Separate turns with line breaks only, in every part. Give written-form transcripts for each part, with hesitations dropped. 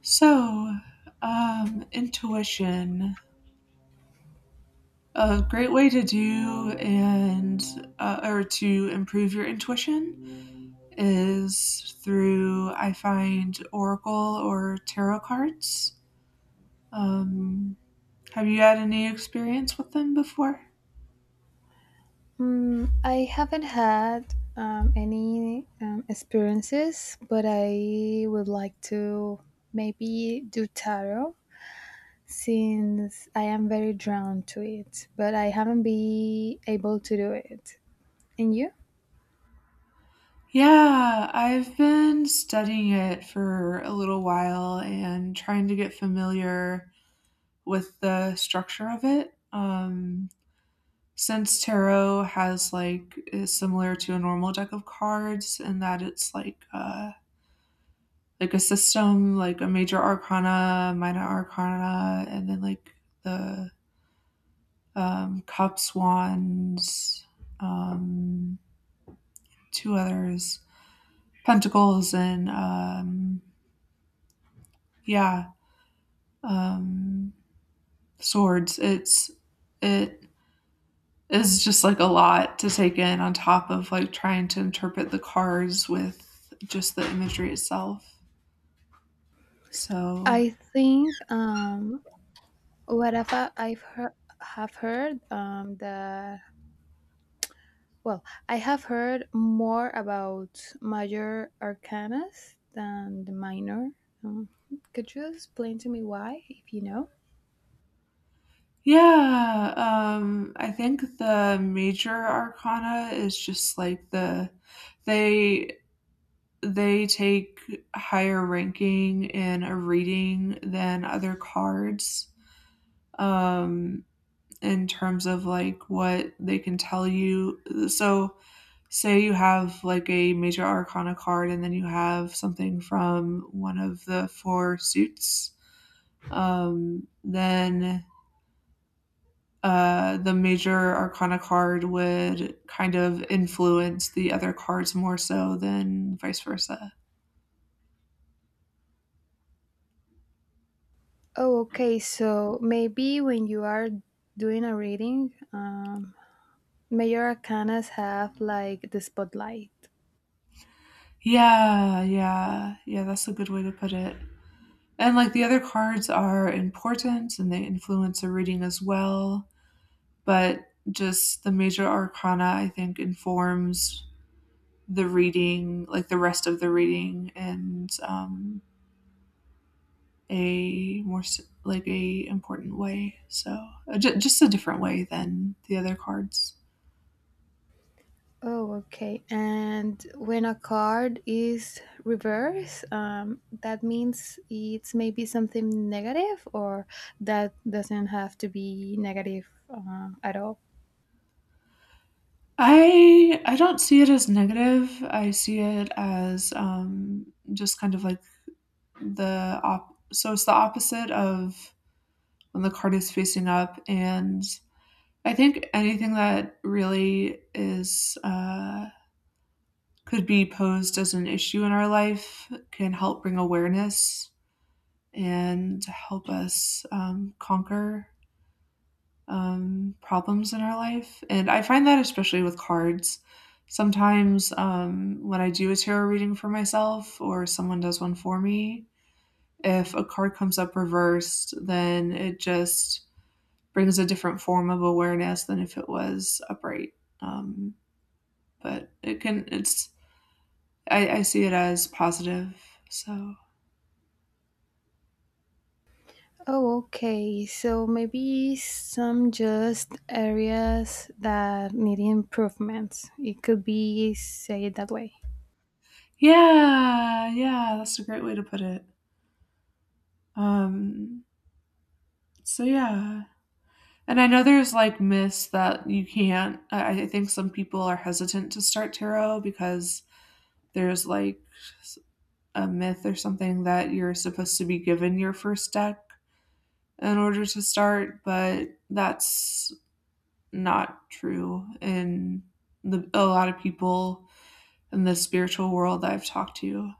So, intuition. A great way to do and or to improve your intuition is through I find oracle or tarot cards. Um, have you had any experience with them before?
I haven't had any experiences, but I would like to maybe do tarot since I am very drawn to it, but I haven't been able to do it. And you?
Yeah, I've been studying it for a little while and trying to get familiar with the structure of it. Since tarot has like is similar to a normal deck of cards in that it's like a system, like a major arcana, minor arcana, and then like the cups, wands, um two others, pentacles, and yeah um swords. It is just like a lot to take in on top of like trying to interpret the cars with just the imagery itself. So
I think whatever I've heard that. Well, I have heard more about major arcanas than the minor. Um, could you explain to me why, if you know?
yeah, I think the major arcana is just like they they take higher ranking in a reading than other cards, um, in terms of like what they can tell you. So say you have like a major arcana card and then you have something from one of the four suits, then the major arcana card would kind of influence the other cards more so than vice versa.
Oh, okay. So maybe when you are doing a reading, major arcanas have like the spotlight.
Yeah, that's a good way to put it. And like the other cards are important and they influence a reading as well, but just the major arcana, I think, informs the reading, like the rest of the reading, and a more like a important way. So just a different way than the other cards.
Oh, okay. And when a card is reversed, that means it's maybe something negative, or that doesn't have to be negative at all.
I don't see it as negative. I see it as just kind of like the op. So it's the opposite of when the card is facing up, and I think anything that really is. Could be posed as an issue in our life, can help bring awareness and help us conquer problems in our life. And I find that especially with cards. Sometimes, when I do a tarot reading for myself or someone does one for me, if a card comes up reversed, then it just brings a different form of awareness than if it was upright. Um, but it can, it's, I see it as positive. So,
Oh, okay. So maybe some just areas that need improvements. It could be, say it that way.
yeah, yeah, that's a great way to put it. Um, So yeah. And I know there's like myths that you can't. I think some people are hesitant to start tarot because there's like s- a myth or something that you're supposed to be given your first deck in order to start, but that's not true in a lot of people in the spiritual world that I've talked to.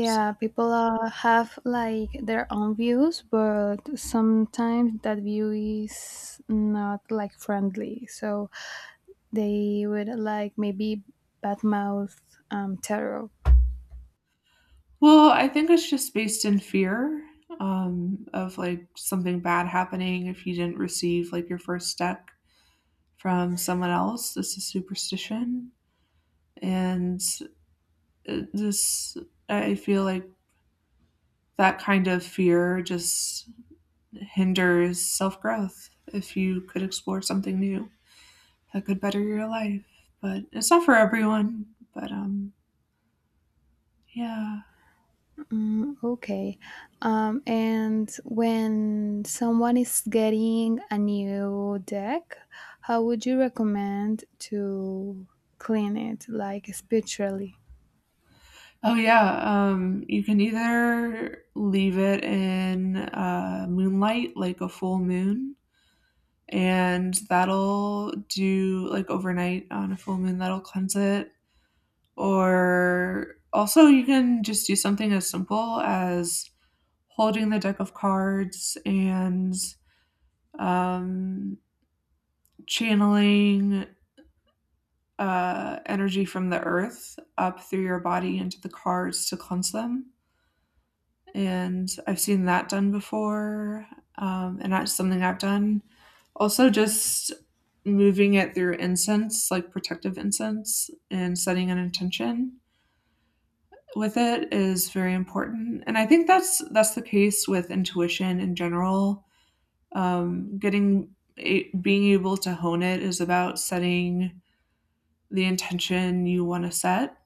So,
people have like their own views, but sometimes that view is not like friendly. So they would like maybe badmouth tarot.
well, I think it's just based in fear, of like something bad happening if you didn't receive like your first deck from someone else. This is superstition. And this, I feel like that kind of fear just hinders self growth. If you could explore something new that could better your life, but it's not for everyone. But yeah.
Mm, okay. And when someone is getting a new deck, how would you recommend to clean it, like spiritually?
Oh yeah. You can either leave it in moonlight, like a full moon, and that'll do like overnight on a full moon. That'll cleanse it. Or also, you can just do something as simple as holding the deck of cards and um, channeling energy from the earth up through your body into the cards to cleanse them. And I've seen that done before, and that's something I've done. Also, just moving it through incense, like protective incense, and setting an intention with it is very important. And I think that's the case with intuition in general. Being able to hone it is about setting the intention you want to set,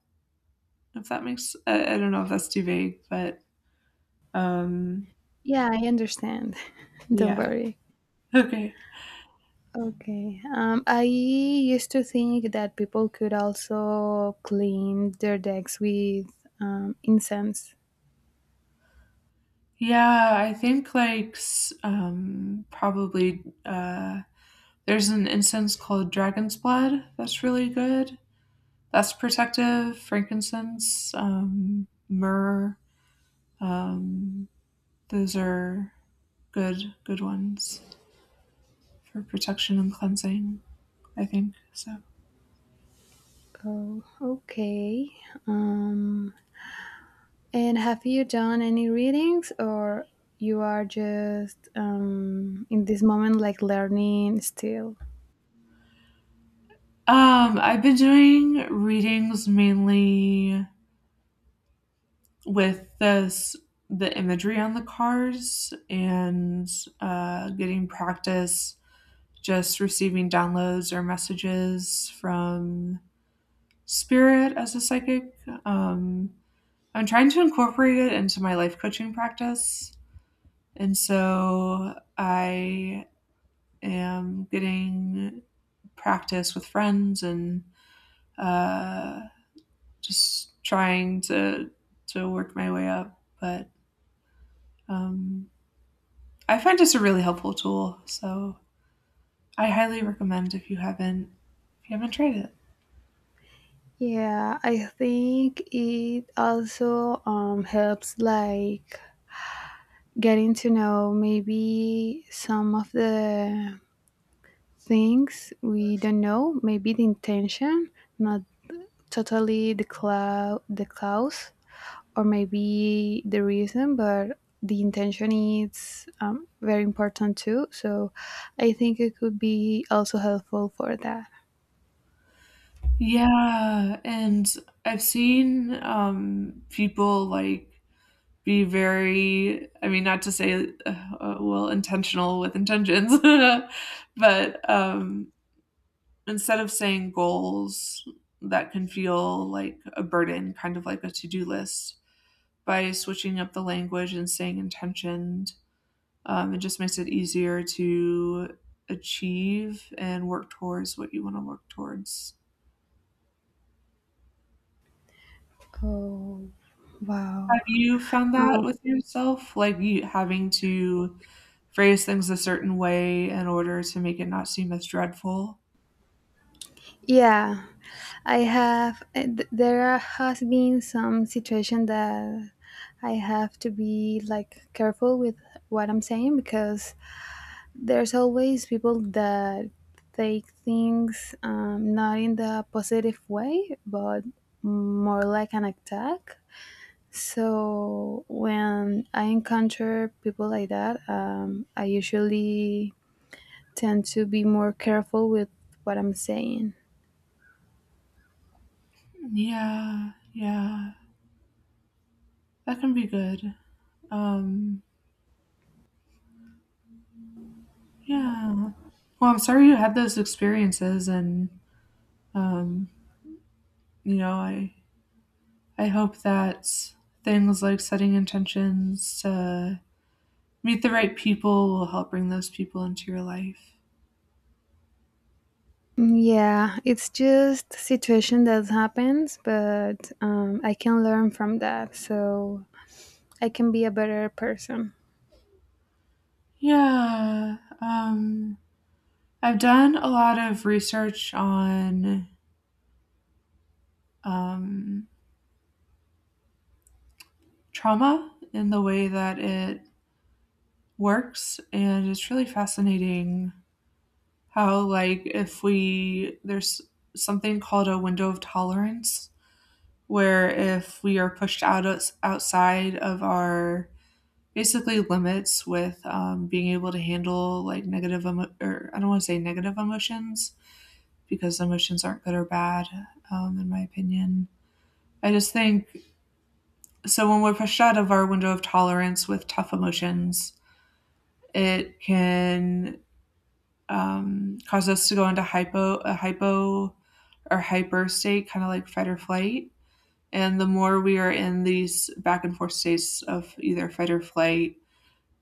if that makes. I don't know if that's too vague, but um
Yeah, I understand. Don't
yeah
worry.
okay.
Okay. I used to think that people could also clean their decks with incense.
Yeah, I think like probably there's an incense called dragon's blood that's really good. That's protective, frankincense, myrrh. Um, those are good, good ones for protection and cleansing. I think so.
Oh, okay. Um, and have you done any readings, or you are just in this moment like learning still?
I've been doing readings mainly with this the imagery on the cards, and getting practice just receiving downloads or messages from spirit as a psychic. Um, I'm trying to incorporate it into my life coaching practice. And so I am getting practice with friends, and uh, just trying to work my way up. But um, I find it's a really helpful tool, so I highly recommend, if you haven't, tried it.
Yeah, I think it also helps like getting to know maybe some of the things we don't know, maybe the intention, not totally the cause or maybe the reason, but the intention is very important too. So I think it could be also helpful for that.
Yeah, and I've seen, people like be very, I mean, not to say, well, intentional with intentions, but instead of saying goals that can feel like a burden, kind of like a to do list, by switching up the language and saying intentioned, it just makes it easier to achieve and work towards what you want to work towards.
Oh,
Have
wow.
you found that with yourself? Like you having to phrase things a certain way in order to make it not seem as dreadful?
Yeah, I have. Has been some situation that I have to be like careful with what I'm saying because there's always people that take things not in the positive way, but more like an attack. So when I encounter people like that, I usually tend to be more careful with what I'm saying.
Yeah, yeah. That can be good. Um, Yeah. Well, I'm sorry you had those experiences, and, um, you know, I hope that things like setting intentions to meet the right people will help bring those people into your life.
Yeah, it's just situation that happens, but I can learn from that, so I can be a better person.
Yeah. I've done a lot of research on, um, trauma and the way that it works, and it's really fascinating how, like, if we there's something called a window of tolerance, where if we are pushed outside of our basically limits with being able to handle like negative emo- or I don't want to say negative emotions, because emotions aren't good or bad, in my opinion. I just think, so when we're pushed out of our window of tolerance with tough emotions, it can cause us to go into hypo or hyper state, kind of like fight or flight. And the more we are in these back and forth states of either fight or flight,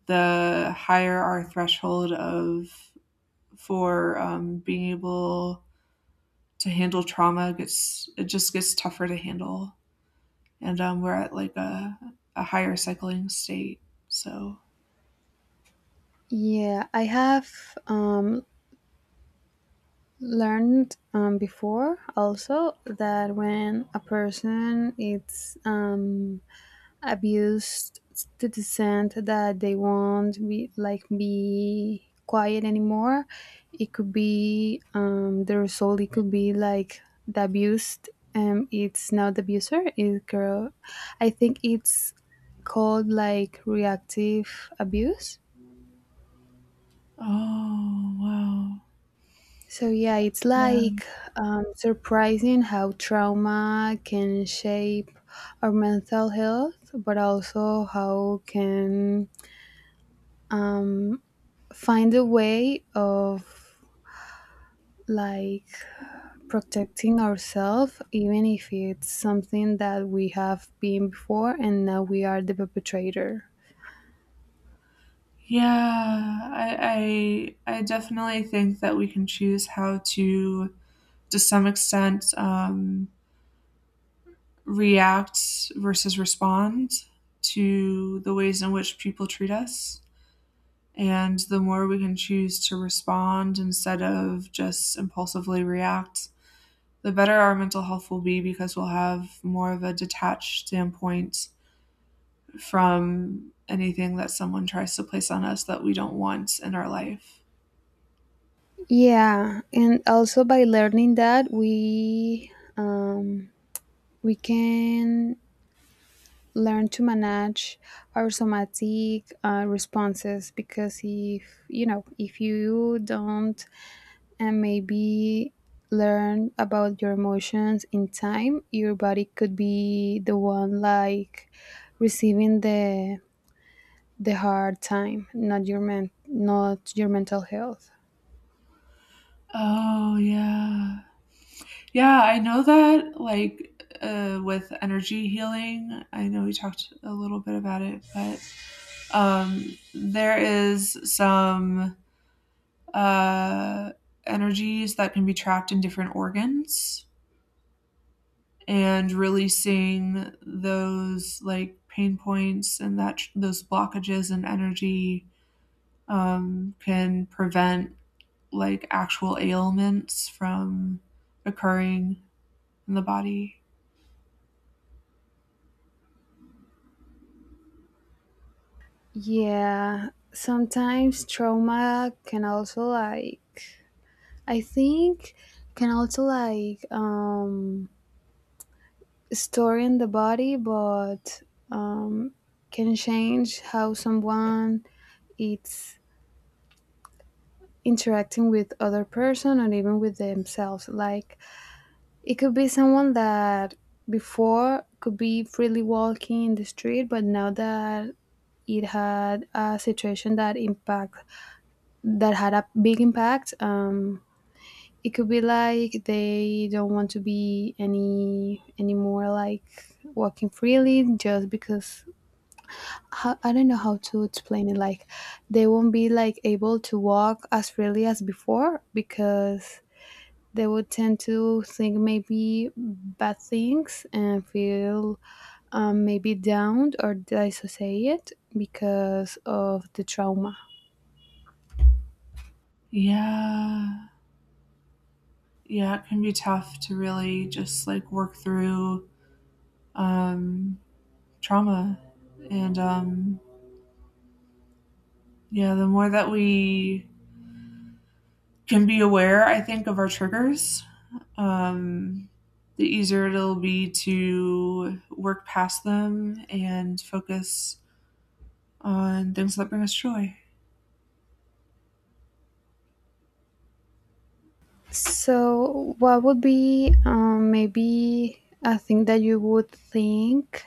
the higher our threshold of, for being able to handle trauma gets, it just gets tougher to handle, and we're at like a higher cycling state. So,
Yeah, I have um, learned before also that when a person is abused to the extent that they won't be like be quiet anymore, it could be the result. It could be like the abused, it's not the abuser, it girl, I think it's called like reactive abuse.
oh wow,
So yeah, it's
yeah,
like surprising how trauma can shape our mental health, but also how can um, find a way of like protecting ourselves, even if it's something that we have been before and now we are the perpetrator.
yeah. I definitely think that we can choose how to some extent, react versus respond to the ways in which people treat us. And the more we can choose to respond instead of just impulsively react, the better our mental health will be, because we'll have more of a detached standpoint from anything that someone tries to place on us that we don't want in our life.
Yeah, and also by learning that we can learn to manage our somatic responses, because if you know, if you don't and maybe learn about your emotions in time, your body could be the one like receiving the hard time, not your mental health.
Oh, yeah. Yeah, I know that, like, with energy healing, I know we talked a little bit about it, but there is some uh, energies that can be trapped in different organs, and releasing those like pain points and those blockages and energy can prevent like actual ailments from occurring in the body.
Yeah, sometimes trauma can also like, I think, can also like store in the body, but um, can change how someone it's interacting with other person and even with themselves. Like it could be someone that before could be freely walking in the street, but now that it had a situation that impact that had a big impact, it could be like they don't want to be anymore like walking freely just because how, I don't know how to explain it. Like they won't be like able to walk as freely as before because they would tend to think maybe bad things and feel maybe downed or dissociated because of the trauma.
Yeah. Yeah, it can be tough to really just like work through um, trauma and Yeah, the more that we can be aware, I think, of our triggers, um, the easier it'll be to work past them and focus on things that bring us joy.
So, what would be maybe a thing that you would think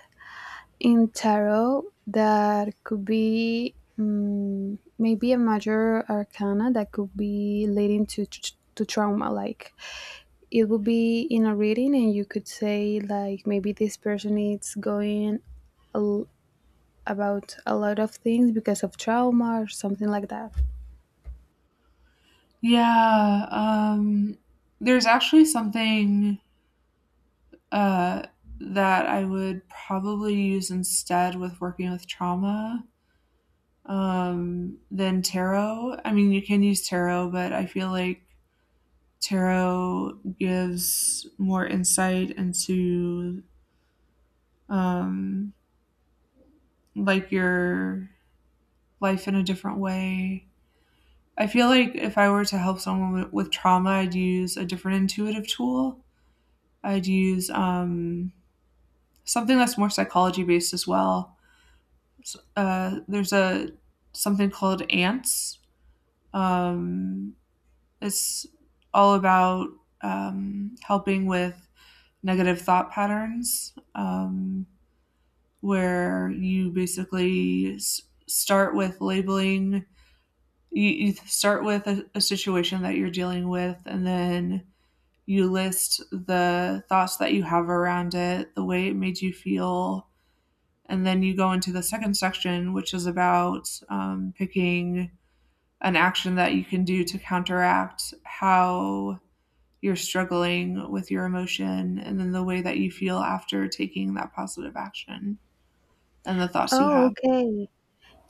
in tarot that could be maybe a major arcana that could be leading to to trauma, like it would be in a reading and you could say like maybe this person is going a l- about a lot of things because of trauma or something like that.
Yeah, there's actually something uh, that I would probably use instead with working with trauma, than tarot. I mean, you can use tarot, but I feel like tarot gives more insight into um, like your life in a different way. I feel like if I were to help someone with trauma, I'd use a different intuitive tool. I'd use, something that's more psychology based as well. There's a something called ants. Um, it's all about helping with negative thought patterns. Where you basically start with labeling. You start with a situation that you're dealing with, and then you list the thoughts that you have around it, the way it made you feel. And then you go into the second section, which is about picking an action that you can do to counteract how you're struggling with your emotion, and then the way that you feel after taking that positive action and the thoughts you
Oh,
have.
okay.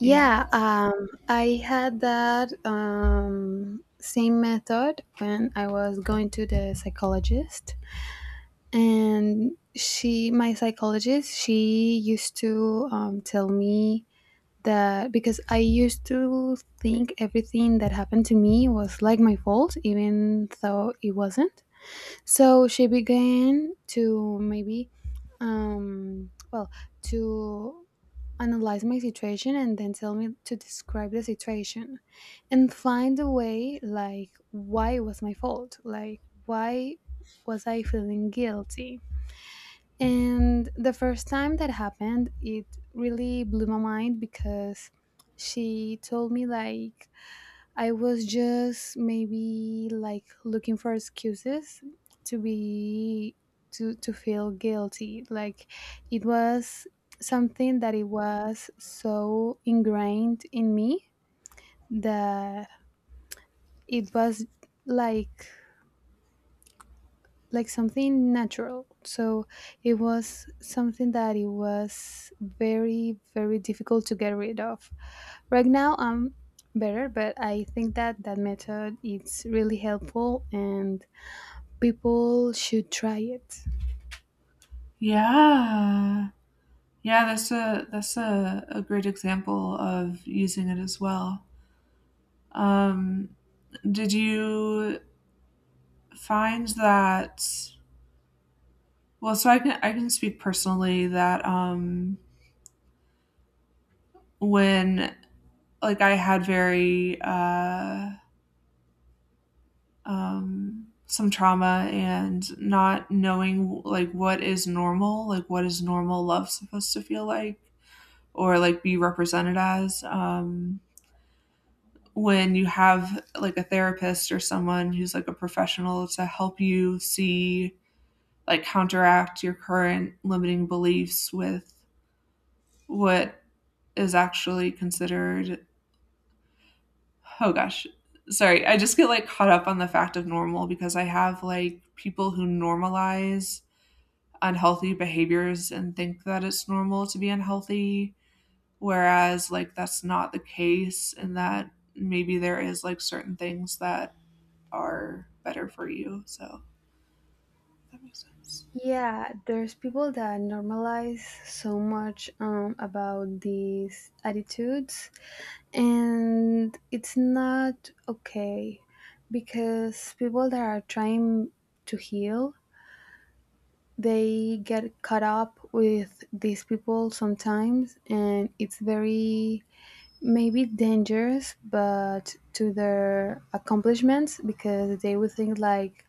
Yeah.
I had that same method when I was going to the psychologist. And she, my psychologist, she used to tell me that, because I used to think everything that happened to me was like my fault, even though it wasn't. So she began to maybe well to analyze my situation and then tell me to describe the situation and find a way like why it was my fault, like why was I feeling guilty. And the first time that happened, it really blew my mind because she told me like I was just maybe like looking for excuses to be, to feel guilty. Like it was something that it was so ingrained in me that it was like like something natural. So it was something that it was very, very difficult to get rid of. Right now, I'm better, but I think that that method is really helpful and people should try it.
Yeah. Yeah, that's a great example of using it as well. Um, did you find that, well, so I can speak personally that when like I had very some trauma and not knowing like what is normal, like what is normal love supposed to feel like or like be represented as. When you have like a therapist or someone who's like a professional to help you see like counteract your current limiting beliefs with what is actually considered oh gosh, sorry, I just get like caught up on the fact of normal because I have like people who normalize unhealthy behaviors and think that it's normal to be unhealthy, whereas like that's not the case and that maybe there is like certain things that are better for you. So that makes sense.
Yeah, there's people that normalize so much about these attitudes, and it's not okay, because people that are trying to heal, they get caught up with these people sometimes and it's very maybe dangerous but to their accomplishments, because they would think like,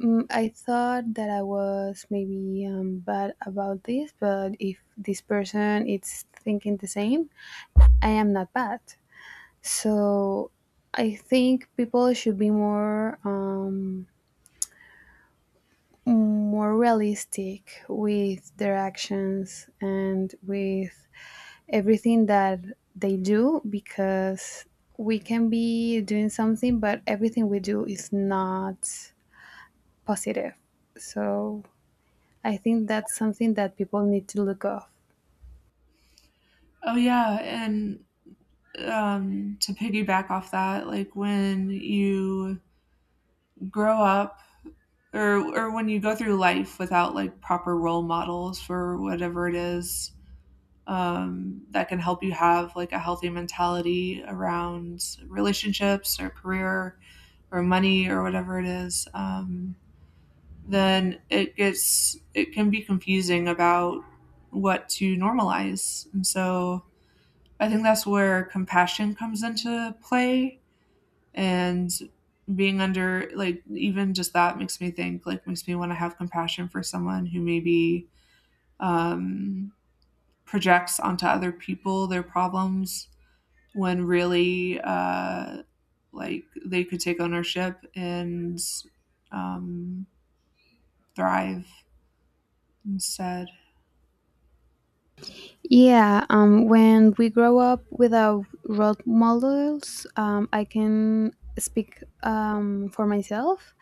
mm, I thought that I was maybe bad about this, but if this person is thinking the same, I am not bad. So I think people should be more more realistic with their actions and with everything that they do, because we can be doing something but everything we do is not positive. So I think that's something that people need to look off.
Oh yeah, and to piggyback off that, like when you grow up or when you go through life without like proper role models for whatever it is, that can help you have like a healthy mentality around relationships or career or money or whatever it is. Then it can be confusing about what to normalize. And so I think that's where compassion comes into play and being under like even just that makes me think like makes me want to have compassion for someone who maybe um, projects onto other people their problems when really like they could take ownership and um, thrive instead.
Yeah, when we grow up without role models, I can speak for myself.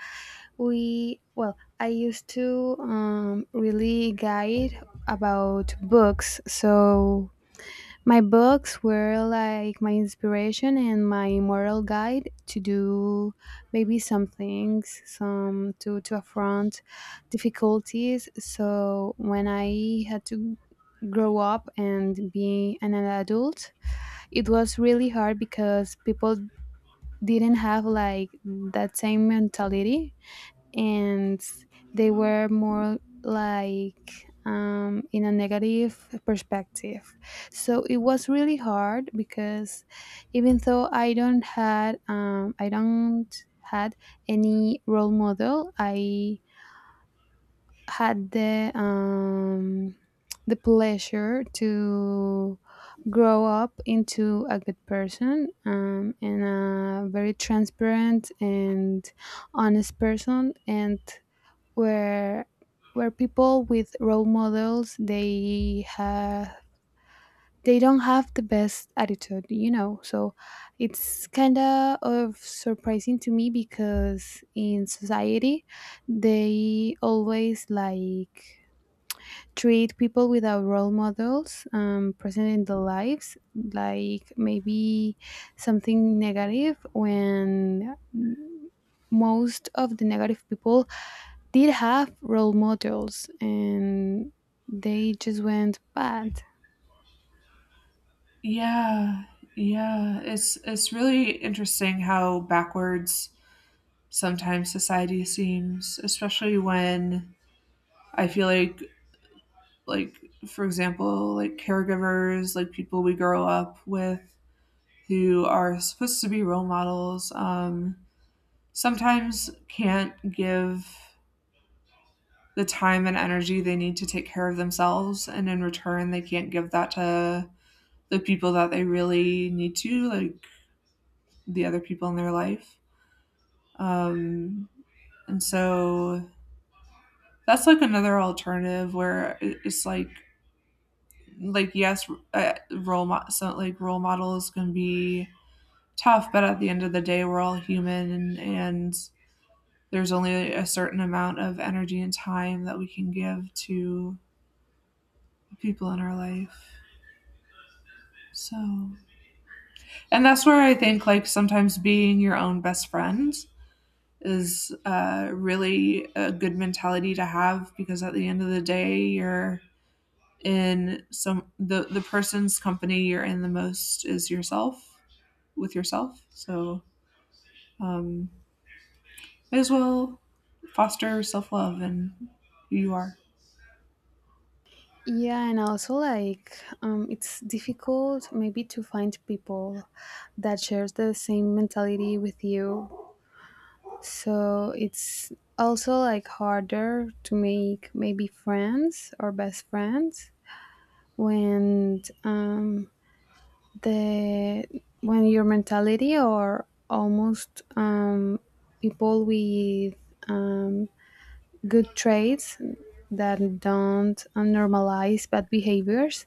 Well, I used to really guide about books, so my books were like my inspiration and my moral guide to do maybe some things, some to affront difficulties. So when I had to grow up and be an adult, it was really hard because people didn't have like that same mentality, and they were more like in a negative perspective. So it was really hard because even though I don't had any role model, I had the pleasure to grow up into a good person, and a very transparent and honest person, and where where people with role models they have, they don't have the best attitude, you know. So it's kind of surprising to me because in society they always like treat people without role models present in their lives, like maybe something negative, when most of the negative people did have role models and they just went bad.
Yeah, yeah. It's really interesting how backwards sometimes society seems, especially when I feel like for example, like caregivers, like people we grow up with who are supposed to be role models, sometimes can't give the time and energy they need to take care of themselves, and in return they can't give that to the people that they really need to, like the other people in their life. Um, and so that's like another alternative where it's like yes, so like role models can be tough, but at the end of the day, we're all human, and there's only a certain amount of energy and time that we can give to people in our life. So, and that's where I think like sometimes being your own best friend is really a good mentality to have because at the end of the day, you're in some the person's company you're in the most is yourself with yourself. So um, may as well foster self love and who you are.
Yeah, and also like it's difficult maybe to find people that shares the same mentality with you. So it's also like harder to make maybe friends or best friends when the when your mentality, or almost people with um, good traits that don't normalize bad behaviors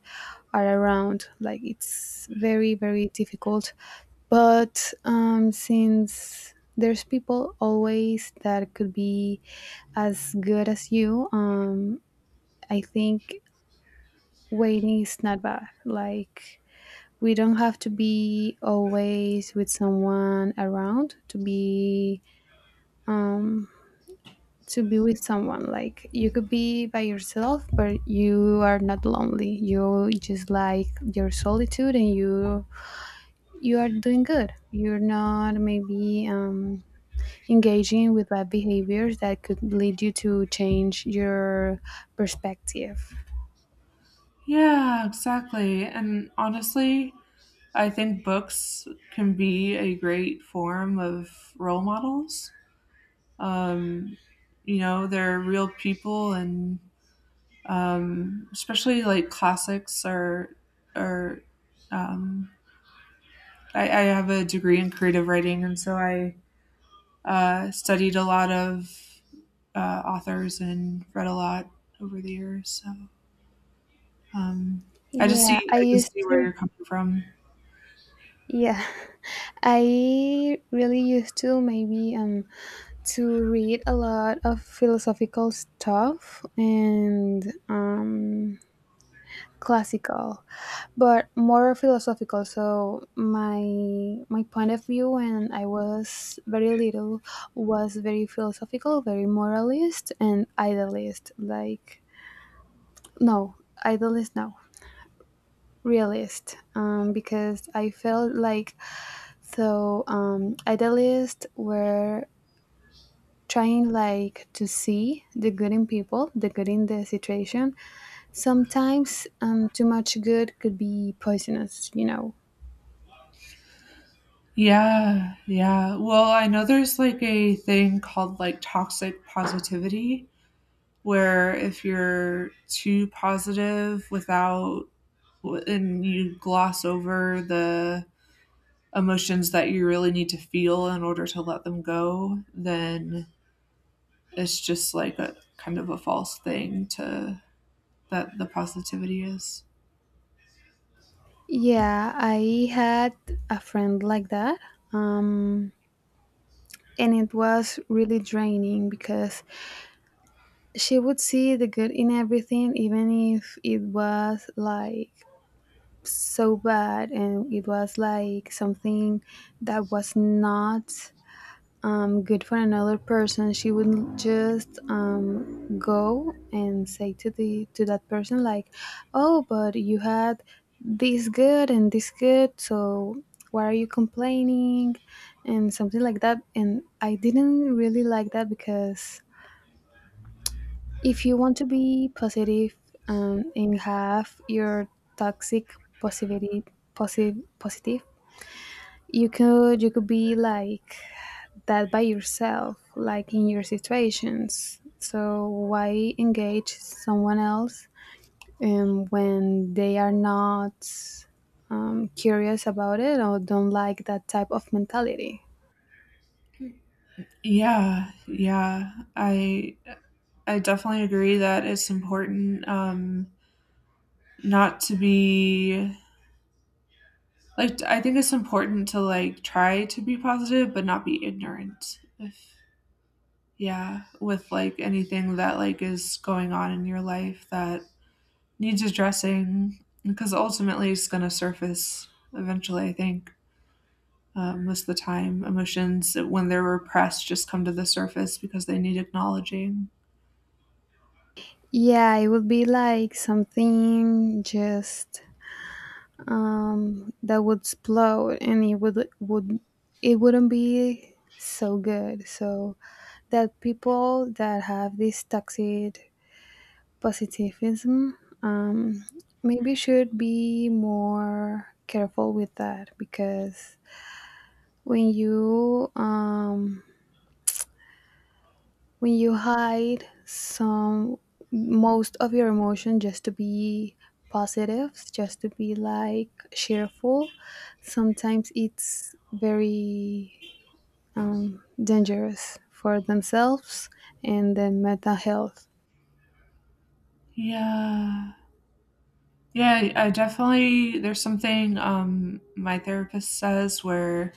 are around. Like it's very, very difficult. But since there's people always that could be as good as you, I think waiting is not bad. Like we don't have to be always with someone around um, to be with someone. Like you could be by yourself, but you are not lonely. You just like your solitude, and you are doing good. You're not maybe engaging with bad behaviors that could lead you to change your perspective.
Yeah, exactly. And honestly, I think books can be a great form of role models. Um, you know, they're real people, and especially like classics are um, I have a degree in creative writing, and so I studied a lot of authors and read a lot over the years. So um,
Yeah, I
I just
used
see
to.
where you're coming from.
Yeah, I really used to maybe to read a lot of philosophical stuff and classical, but more philosophical. So my point of view when I was very little was very philosophical, very moralist and idealist, like, no, idealist, no, realist, because I felt like, so idealists were trying like to see the good in people, the good in the situation. Sometimes too much good could be poisonous, you know.
Yeah, yeah. Well, I know there's like a thing called like toxic positivity, where if you're too positive without, and you gloss over the emotions that you really need to feel in order to let them go, then it's just like a kind of a false thing to that the positivity is.
Yeah, I had a friend like that. Um, and it was really draining because she would see the good in everything, even if it was like so bad, and it was like something that was not good for another person. She wouldn't just go and say to the to that person like, oh, but you had this good and this good, so why are you complaining? And something like that. And I didn't really like that because if you want to be positive, and have your toxic positivity positive positive, you could, you could be like that by yourself, like in your situations. So why engage someone else when they are not curious about it or don't like that type of mentality?
Yeah, yeah. I definitely agree that it's important not to be, like I think it's important to like try to be positive but not be ignorant. If yeah, with like anything that like is going on in your life that needs addressing because ultimately it's going to surface eventually, I think. Most of the time emotions when they're repressed just come to the surface because they need acknowledging.
Yeah, it would be like something just that would explode, and it would, it wouldn't be so good. So that people that have this toxic positivism, um, maybe should be more careful with that, because when you um, when you hide some most of your emotion just to be positive, just to be like cheerful, sometimes it's very dangerous for themselves and then mental health.
Yeah, yeah, I definitely, there's something my therapist says where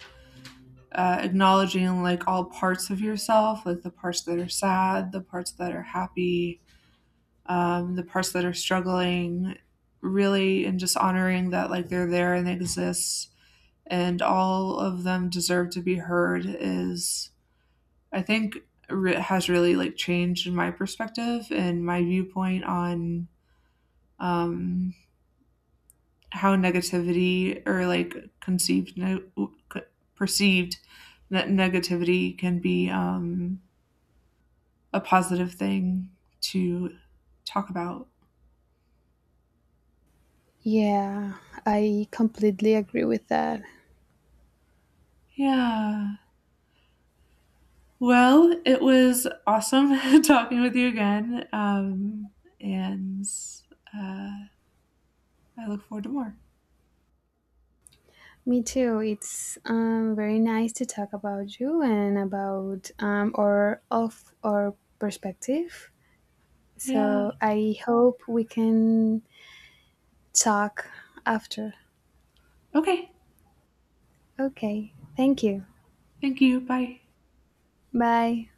acknowledging like all parts of yourself, like the parts that are sad, the parts that are happy, the parts that are struggling, really, and just honoring that like they're there and they exist and all of them deserve to be heard is, I think, has really like changed my perspective and my viewpoint on um, how negativity or like perceived negativity can be a positive thing to talk about.
Yeah, I completely agree with that.
Yeah. Well, it was awesome talking with you again. And uh, I look forward to more.
Me too. It's very nice to talk about you and about or of our perspective.
Yeah.
So I hope we can talk after.
Okay.
Okay. Thank you.
Thank you. Bye.
Bye.